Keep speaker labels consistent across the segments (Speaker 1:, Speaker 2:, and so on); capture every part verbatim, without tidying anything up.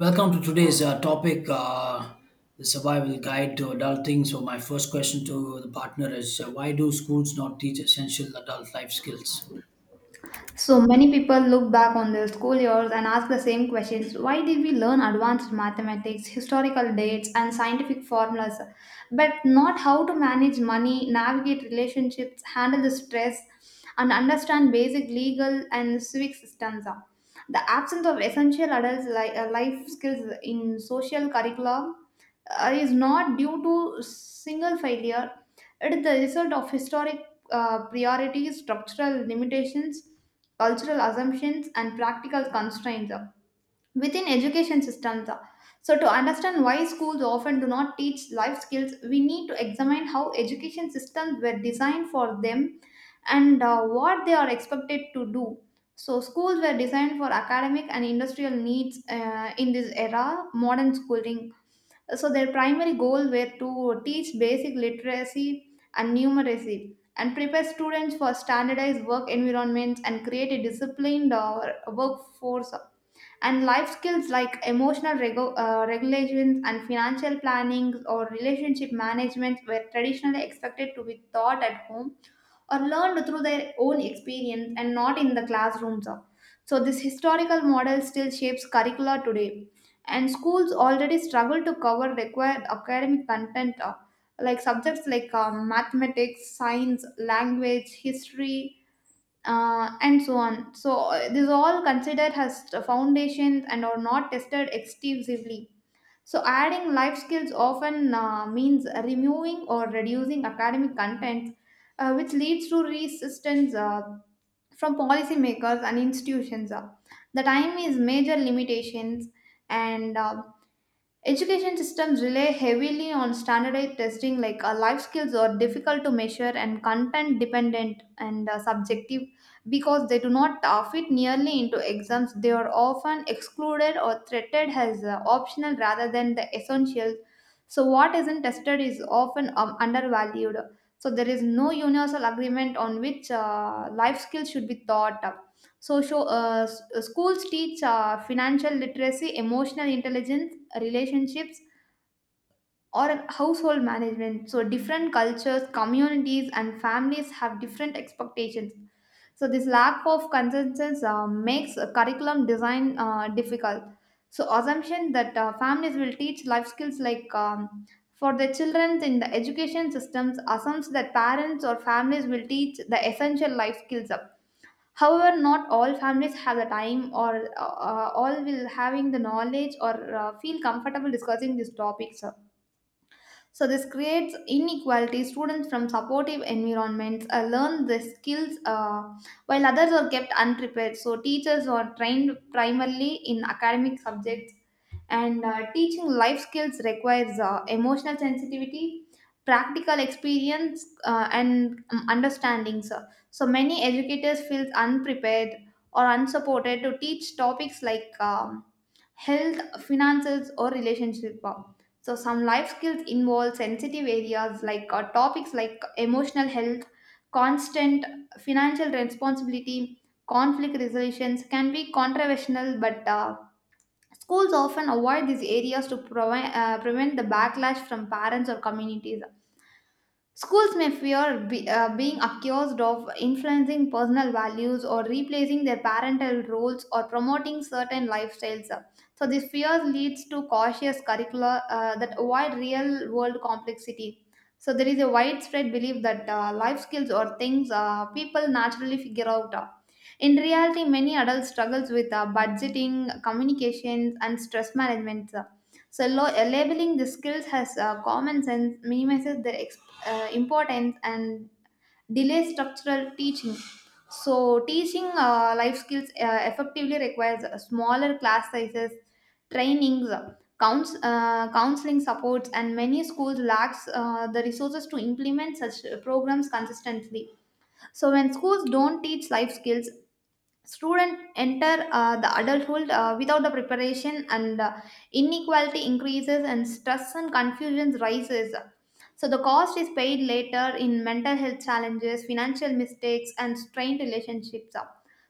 Speaker 1: Welcome to today's uh, topic, uh, the survival guide to adulting. So, my first question to the partner is uh, why do schools not teach essential adult life skills?
Speaker 2: So many people look back on their school years and ask the same questions. Why did we learn advanced mathematics, historical dates, and scientific formulas, but not how to manage money, navigate relationships, handle the stress, and understand basic legal and civic systems? The absence of essential adult li- uh, life skills in social curricula uh, is not due to single failure. It is the result of historic uh, priorities, structural limitations, cultural assumptions, and practical constraints uh, within education systems. uh. So, to understand why schools often do not teach life skills, we need to examine how education systems were designed for them and uh, what they are expected to do. So, schools were designed for academic and industrial needs uh, in this era, modern schooling, so their primary goal were to teach basic literacy and numeracy and prepare students for standardized work environments and create a disciplined uh, workforce, and life skills like emotional regu- uh, regulations and financial planning or relationship management were traditionally expected to be taught at home or learned through their own experience and not in the classrooms. So, this historical model still shapes curricula today, and schools already struggle to cover required academic content uh, like subjects like um, mathematics, science, language, history, uh, and so on. So, uh, these all considered as foundations and are not tested extensively, so adding life skills often uh, means removing or reducing academic content, uh, which leads to resistance uh, from policymakers and institutions. Uh, The time is major limitations, and uh, education systems rely heavily on standardized testing, like uh, life skills are difficult to measure and content dependent and uh, subjective because they do not uh, fit nearly into exams. They are often excluded or treated as uh, optional rather than the essentials. So, what isn't tested is often um, undervalued. So, there is no universal agreement on which uh, life skills should be taught. So, show, uh, s- schools teach uh, financial literacy, emotional intelligence, relationships, or household management. So, different cultures, communities, and families have different expectations. So, this lack of consensus uh, makes a curriculum design uh, difficult. So, assumption that uh, families will teach life skills, like um, for the children in the education systems, assumes that parents or families will teach the essential life skills up. However, not all families have the time or uh, uh, all will having the knowledge or uh, feel comfortable discussing these topics. So this creates inequality. Students from supportive environments uh, learn the skills uh, while others are kept unprepared. So teachers are trained primarily in academic subjects, and uh, teaching life skills requires uh, emotional sensitivity, practical experience uh, and um, understanding. So, so many educators feel unprepared or unsupported to teach topics like um, health, finances, or relationship. Wow. So, some life skills involve sensitive areas, like uh, topics like emotional health, constant financial responsibility, conflict resolutions can be controversial, but uh, schools often avoid these areas to provi- uh, prevent the backlash from parents or communities. Schools may fear be, uh, being accused of influencing personal values or replacing their parental roles or promoting certain lifestyles. So this fears leads to cautious curricula uh, that avoid real world complexity. So there is a widespread belief that uh, life skills or things uh, people naturally figure out. In reality, many adults struggles with uh, budgeting, communications, and stress management. So lo- labeling the skills as uh, common sense minimizes their uh, importance and delay structural teaching. So, teaching uh, life skills uh, effectively requires uh, smaller class sizes, trainings, counts, uh, counseling supports, and many schools lacks uh, the resources to implement such programs consistently. So, when schools don't teach life skills, students enter uh, the adulthood uh, without the preparation, and uh, inequality increases, and stress and confusion rises. So the cost is paid later in mental health challenges, financial mistakes, and strained relationships.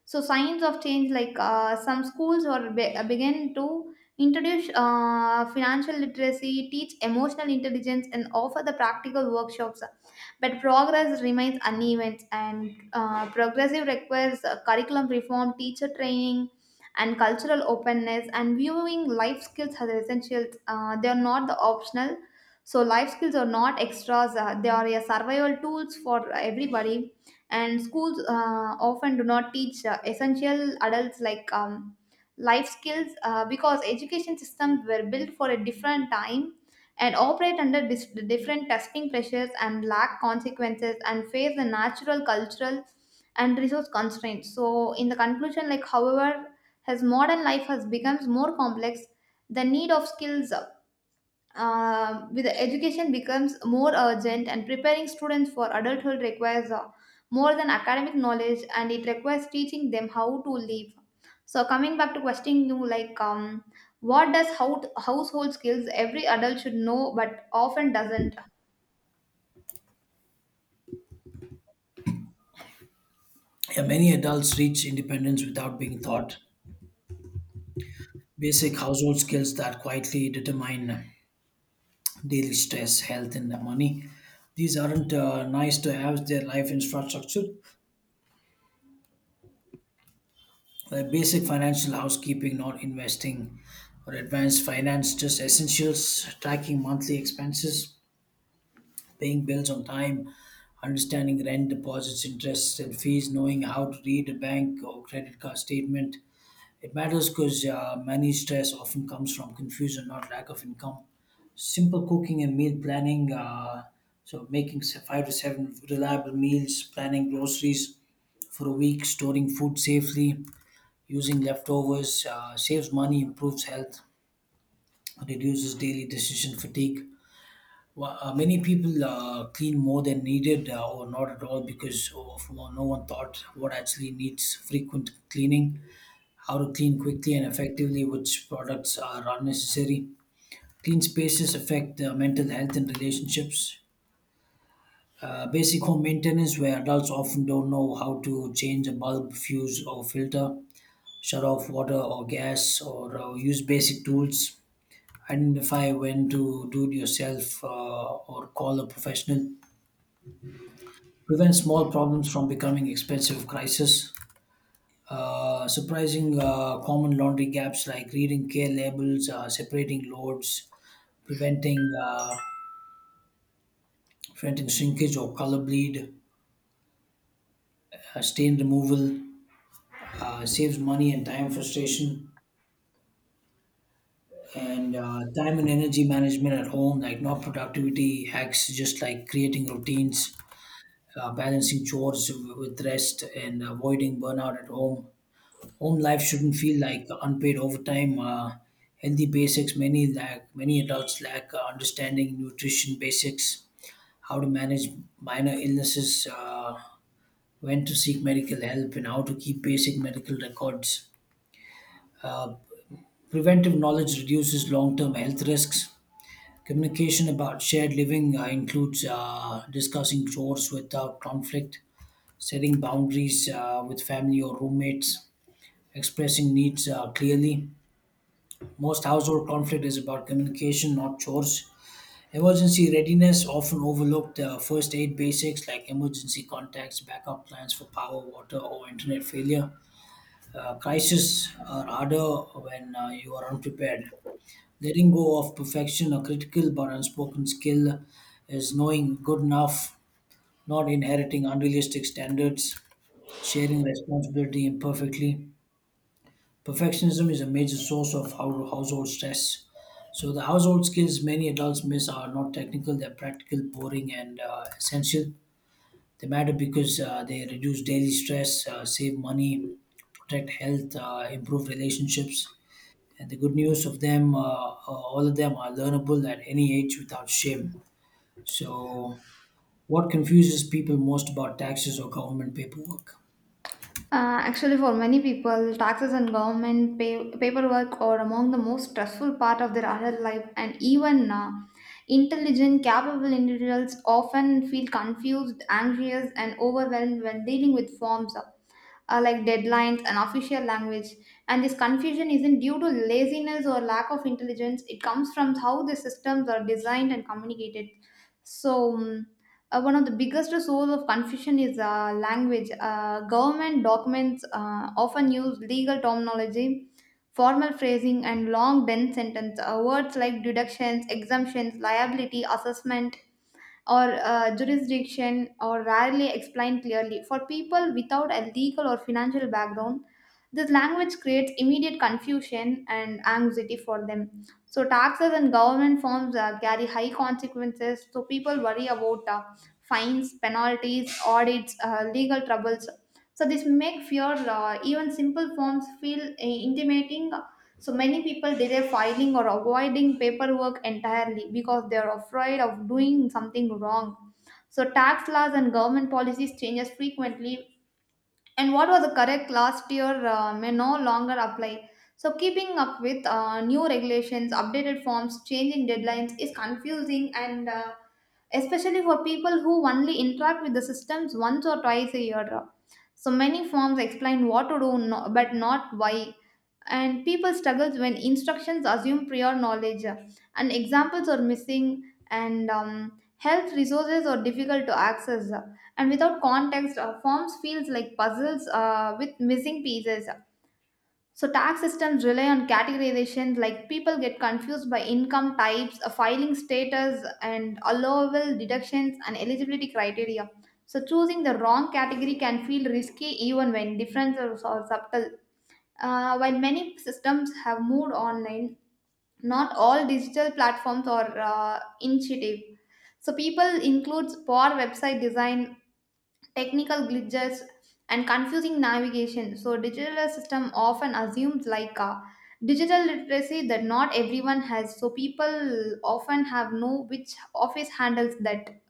Speaker 2: So signs of change, like uh, some schools or be- uh, begin to introduce uh, financial literacy, teach emotional intelligence, and offer the practical workshops, but progress remains uneven, and uh, progressive requires uh, curriculum reform, teacher training, and cultural openness, and viewing life skills as essentials, uh, they are not the optional. So life skills are not extras, uh, they are a survival tools for everybody, and schools uh, often do not teach uh, essential adults, like um, life skills, uh, because education systems were built for a different time and operate under dis- different testing pressures and lack consequences and face the natural cultural and resource constraints. So in the conclusion, like, however, as modern life has becomes more complex, the need of skills uh, with the education becomes more urgent, and preparing students for adulthood requires uh, more than academic knowledge, and it requires teaching them how to live. So coming back to questioning you, like, um, what does how household skills every adult should know but often doesn't?
Speaker 1: Yeah, many adults reach independence without being taught basic household skills that quietly determine daily stress, health, and money. These aren't uh, nice to have, their life infrastructure. Like basic financial housekeeping, not investing or advanced finance, just essentials, tracking monthly expenses, paying bills on time, understanding rent, deposits, interests, and fees, knowing how to read a bank or credit card statement. It matters because uh, money stress often comes from confusion, not lack of income. Simple cooking and meal planning, uh, so making se- five to seven reliable meals, planning groceries for a week, storing food safely, using leftovers, uh, saves money, improves health, reduces daily decision fatigue. Wa- uh, Many people uh, clean more than needed, uh, or not at all because of, well, no one thought what actually needs frequent cleaning, how to clean quickly and effectively, which products are unnecessary. Clean spaces affect uh, mental health and relationships. Uh, basic home maintenance, where adults often don't know how to change a bulb, fuse, or filter, shut off water or gas, or uh, use basic tools. Identify when to do it yourself uh, or call a professional, prevent small problems from becoming expensive crises. Uh, surprising uh, common laundry gaps, like reading care labels, uh, separating loads, preventing uh, preventing shrinkage or color bleed, uh, stain removal, uh, saves money and time frustration, and uh, time and energy management at home, like not productivity hacks, just like creating routines, uh, balancing chores with rest, and avoiding burnout at home. Home life shouldn't feel like unpaid overtime. Uh, healthy basics. Many lack. Many adults lack uh, understanding nutrition basics, how to manage minor illnesses, uh, when to seek medical help, and how to keep basic medical records. Uh, Preventive knowledge reduces long-term health risks. Communication about shared living uh, includes uh, discussing chores without conflict, setting boundaries uh, with family or roommates, expressing needs uh, clearly. Most household conflict is about communication, not chores. Emergency readiness often overlooked, the first aid basics like emergency contacts, backup plans for power, water, or internet failure. Uh, crises are harder when uh, you are unprepared. Letting go of perfection, a critical but unspoken skill, is knowing good enough, not inheriting unrealistic standards, sharing responsibility imperfectly. Perfectionism is a major source of hou- household stress. So, the household skills many adults miss are not technical, they're practical, boring, and uh, essential. They matter because uh, they reduce daily stress, uh, save money, protect health, uh, improve relationships. And the good news of them, uh, uh, all of them are learnable at any age without shame. So, what confuses people most about taxes or government paperwork?
Speaker 2: Uh, actually, for many people, taxes and government pay- paperwork are among the most stressful part of their adult life, and even uh, intelligent, capable individuals often feel confused, anxious, and overwhelmed when dealing with forms, uh, uh, like deadlines and official language. And this confusion isn't due to laziness or lack of intelligence; it comes from how the systems are designed and communicated. So. mm, uh, one of the biggest source of confusion is uh, language. Uh, government documents uh, often use legal terminology, formal phrasing, and long, dense sentence. Uh, words like deductions, exemptions, liability, assessment, or uh, jurisdiction or rarely explained clearly. For people without a legal or financial background, this language creates immediate confusion and anxiety for them. So, taxes and government forms uh, carry high consequences, so people worry about uh, fines, penalties, audits, uh, legal troubles. So, this make fear, uh, even simple forms feel uh, intimidating, so many people delay filing or avoiding paperwork entirely because they are afraid of doing something wrong. So tax laws and government policies changes frequently, and what was correct last year uh, may no longer apply. So, keeping up with uh, new regulations, updated forms, changing deadlines is confusing, and uh, especially for people who only interact with the systems once or twice a year. So, many forms explain what to do no, but not why. And people struggle when instructions assume prior knowledge, and examples are missing, and um, health resources are difficult to access, and without context uh, forms feels like puzzles uh, with missing pieces. So tax systems rely on categorizations, like people get confused by income types, uh, filing status and allowable deductions and eligibility criteria, so choosing the wrong category can feel risky even when differences are subtle. Uh, while many systems have moved online, not all digital platforms are uh, intuitive, so people includes poor website design, technical glitches, and confusing navigation. So, digital system often assumes like uh, digital literacy that not everyone has. So, people often have no which office handles that.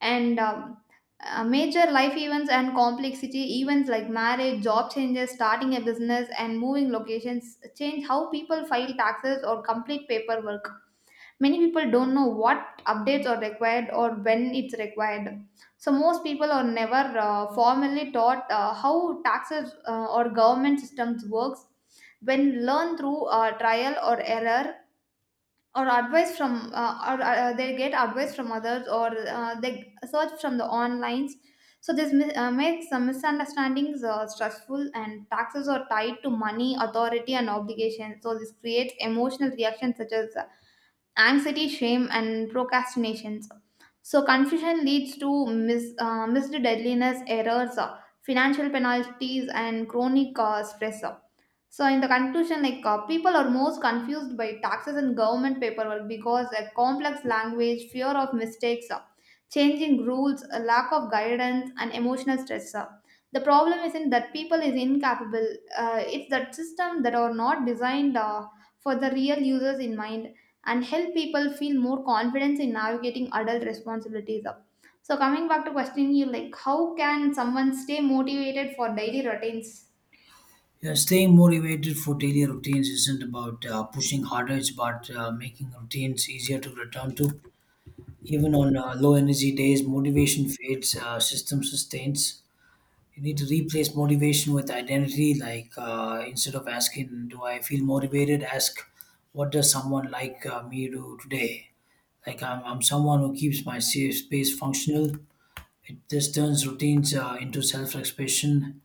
Speaker 2: And um, uh, Major life events and complexity events, like marriage, job changes, starting a business, and moving locations, change how people file taxes or complete paperwork. Many people don't know what updates are required or when it's required. So, most people are never uh, formally taught uh, how taxes uh, or government systems works. When learn through uh, trial or error, or advice from uh, or uh, uh, they get advice from others, or uh, they search from the online. So this mi- uh, makes some misunderstandings uh, stressful, and taxes are tied to money, authority, and obligation, so this creates emotional reactions such as uh, anxiety, shame, and procrastinations. So, confusion leads to mis- uh, missed deadliness, errors, uh, financial penalties, and chronic uh, stress. So, in the conclusion, like, uh, people are most confused by taxes and government paperwork because a complex language, fear of mistakes, uh, changing rules, a lack of guidance, and emotional stress. uh. The problem isn't that people is incapable; uh, it's that system that are not designed uh, for the real users in mind and help people feel more confidence in navigating adult responsibilities. uh. So, coming back to questioning you, like, how can someone stay motivated for daily routines?
Speaker 1: Yeah, staying motivated for daily routines isn't about uh, pushing harder, it's about uh, making routines easier to return to. Even on uh, low energy days, motivation fades, uh, system sustains. You need to replace motivation with identity. Like uh, instead of asking, "Do I feel motivated?" ask, "What does someone like uh, me do today?" Like I'm, I'm someone who keeps my safe space functional. It, this turns routines uh, into self expression,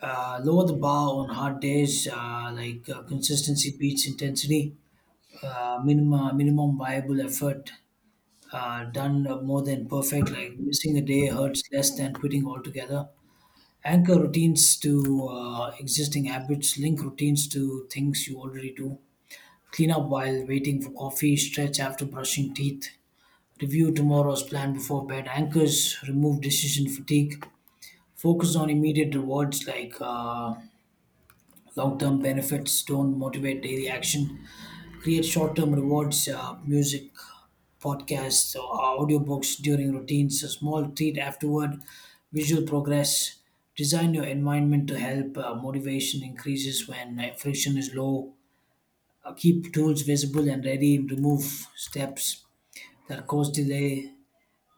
Speaker 1: uh, lower the bar on hard days, uh, like uh, consistency beats intensity, uh, minimum uh, minimum viable effort uh, done more than perfect. Like missing a day hurts less than quitting altogether. Anchor routines to uh, existing habits. Link routines to things you already do. Clean up while waiting for coffee. Stretch after brushing teeth. Review tomorrow's plan before bed. Anchors remove decision fatigue. Focus on immediate rewards. like. Uh, Long term benefits don't motivate daily action. Create short term rewards, uh, music, podcasts, or audiobooks during routines, a small treat afterward, visual progress. Design your environment to help. Uh, motivation increases when uh, friction is low. Uh, keep tools visible and ready. Remove steps that cause delay.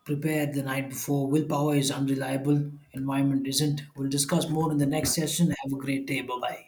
Speaker 1: Prepare the night before. Willpower is unreliable. Environment isn't. We'll discuss more in the next session. Have a great day. Bye bye.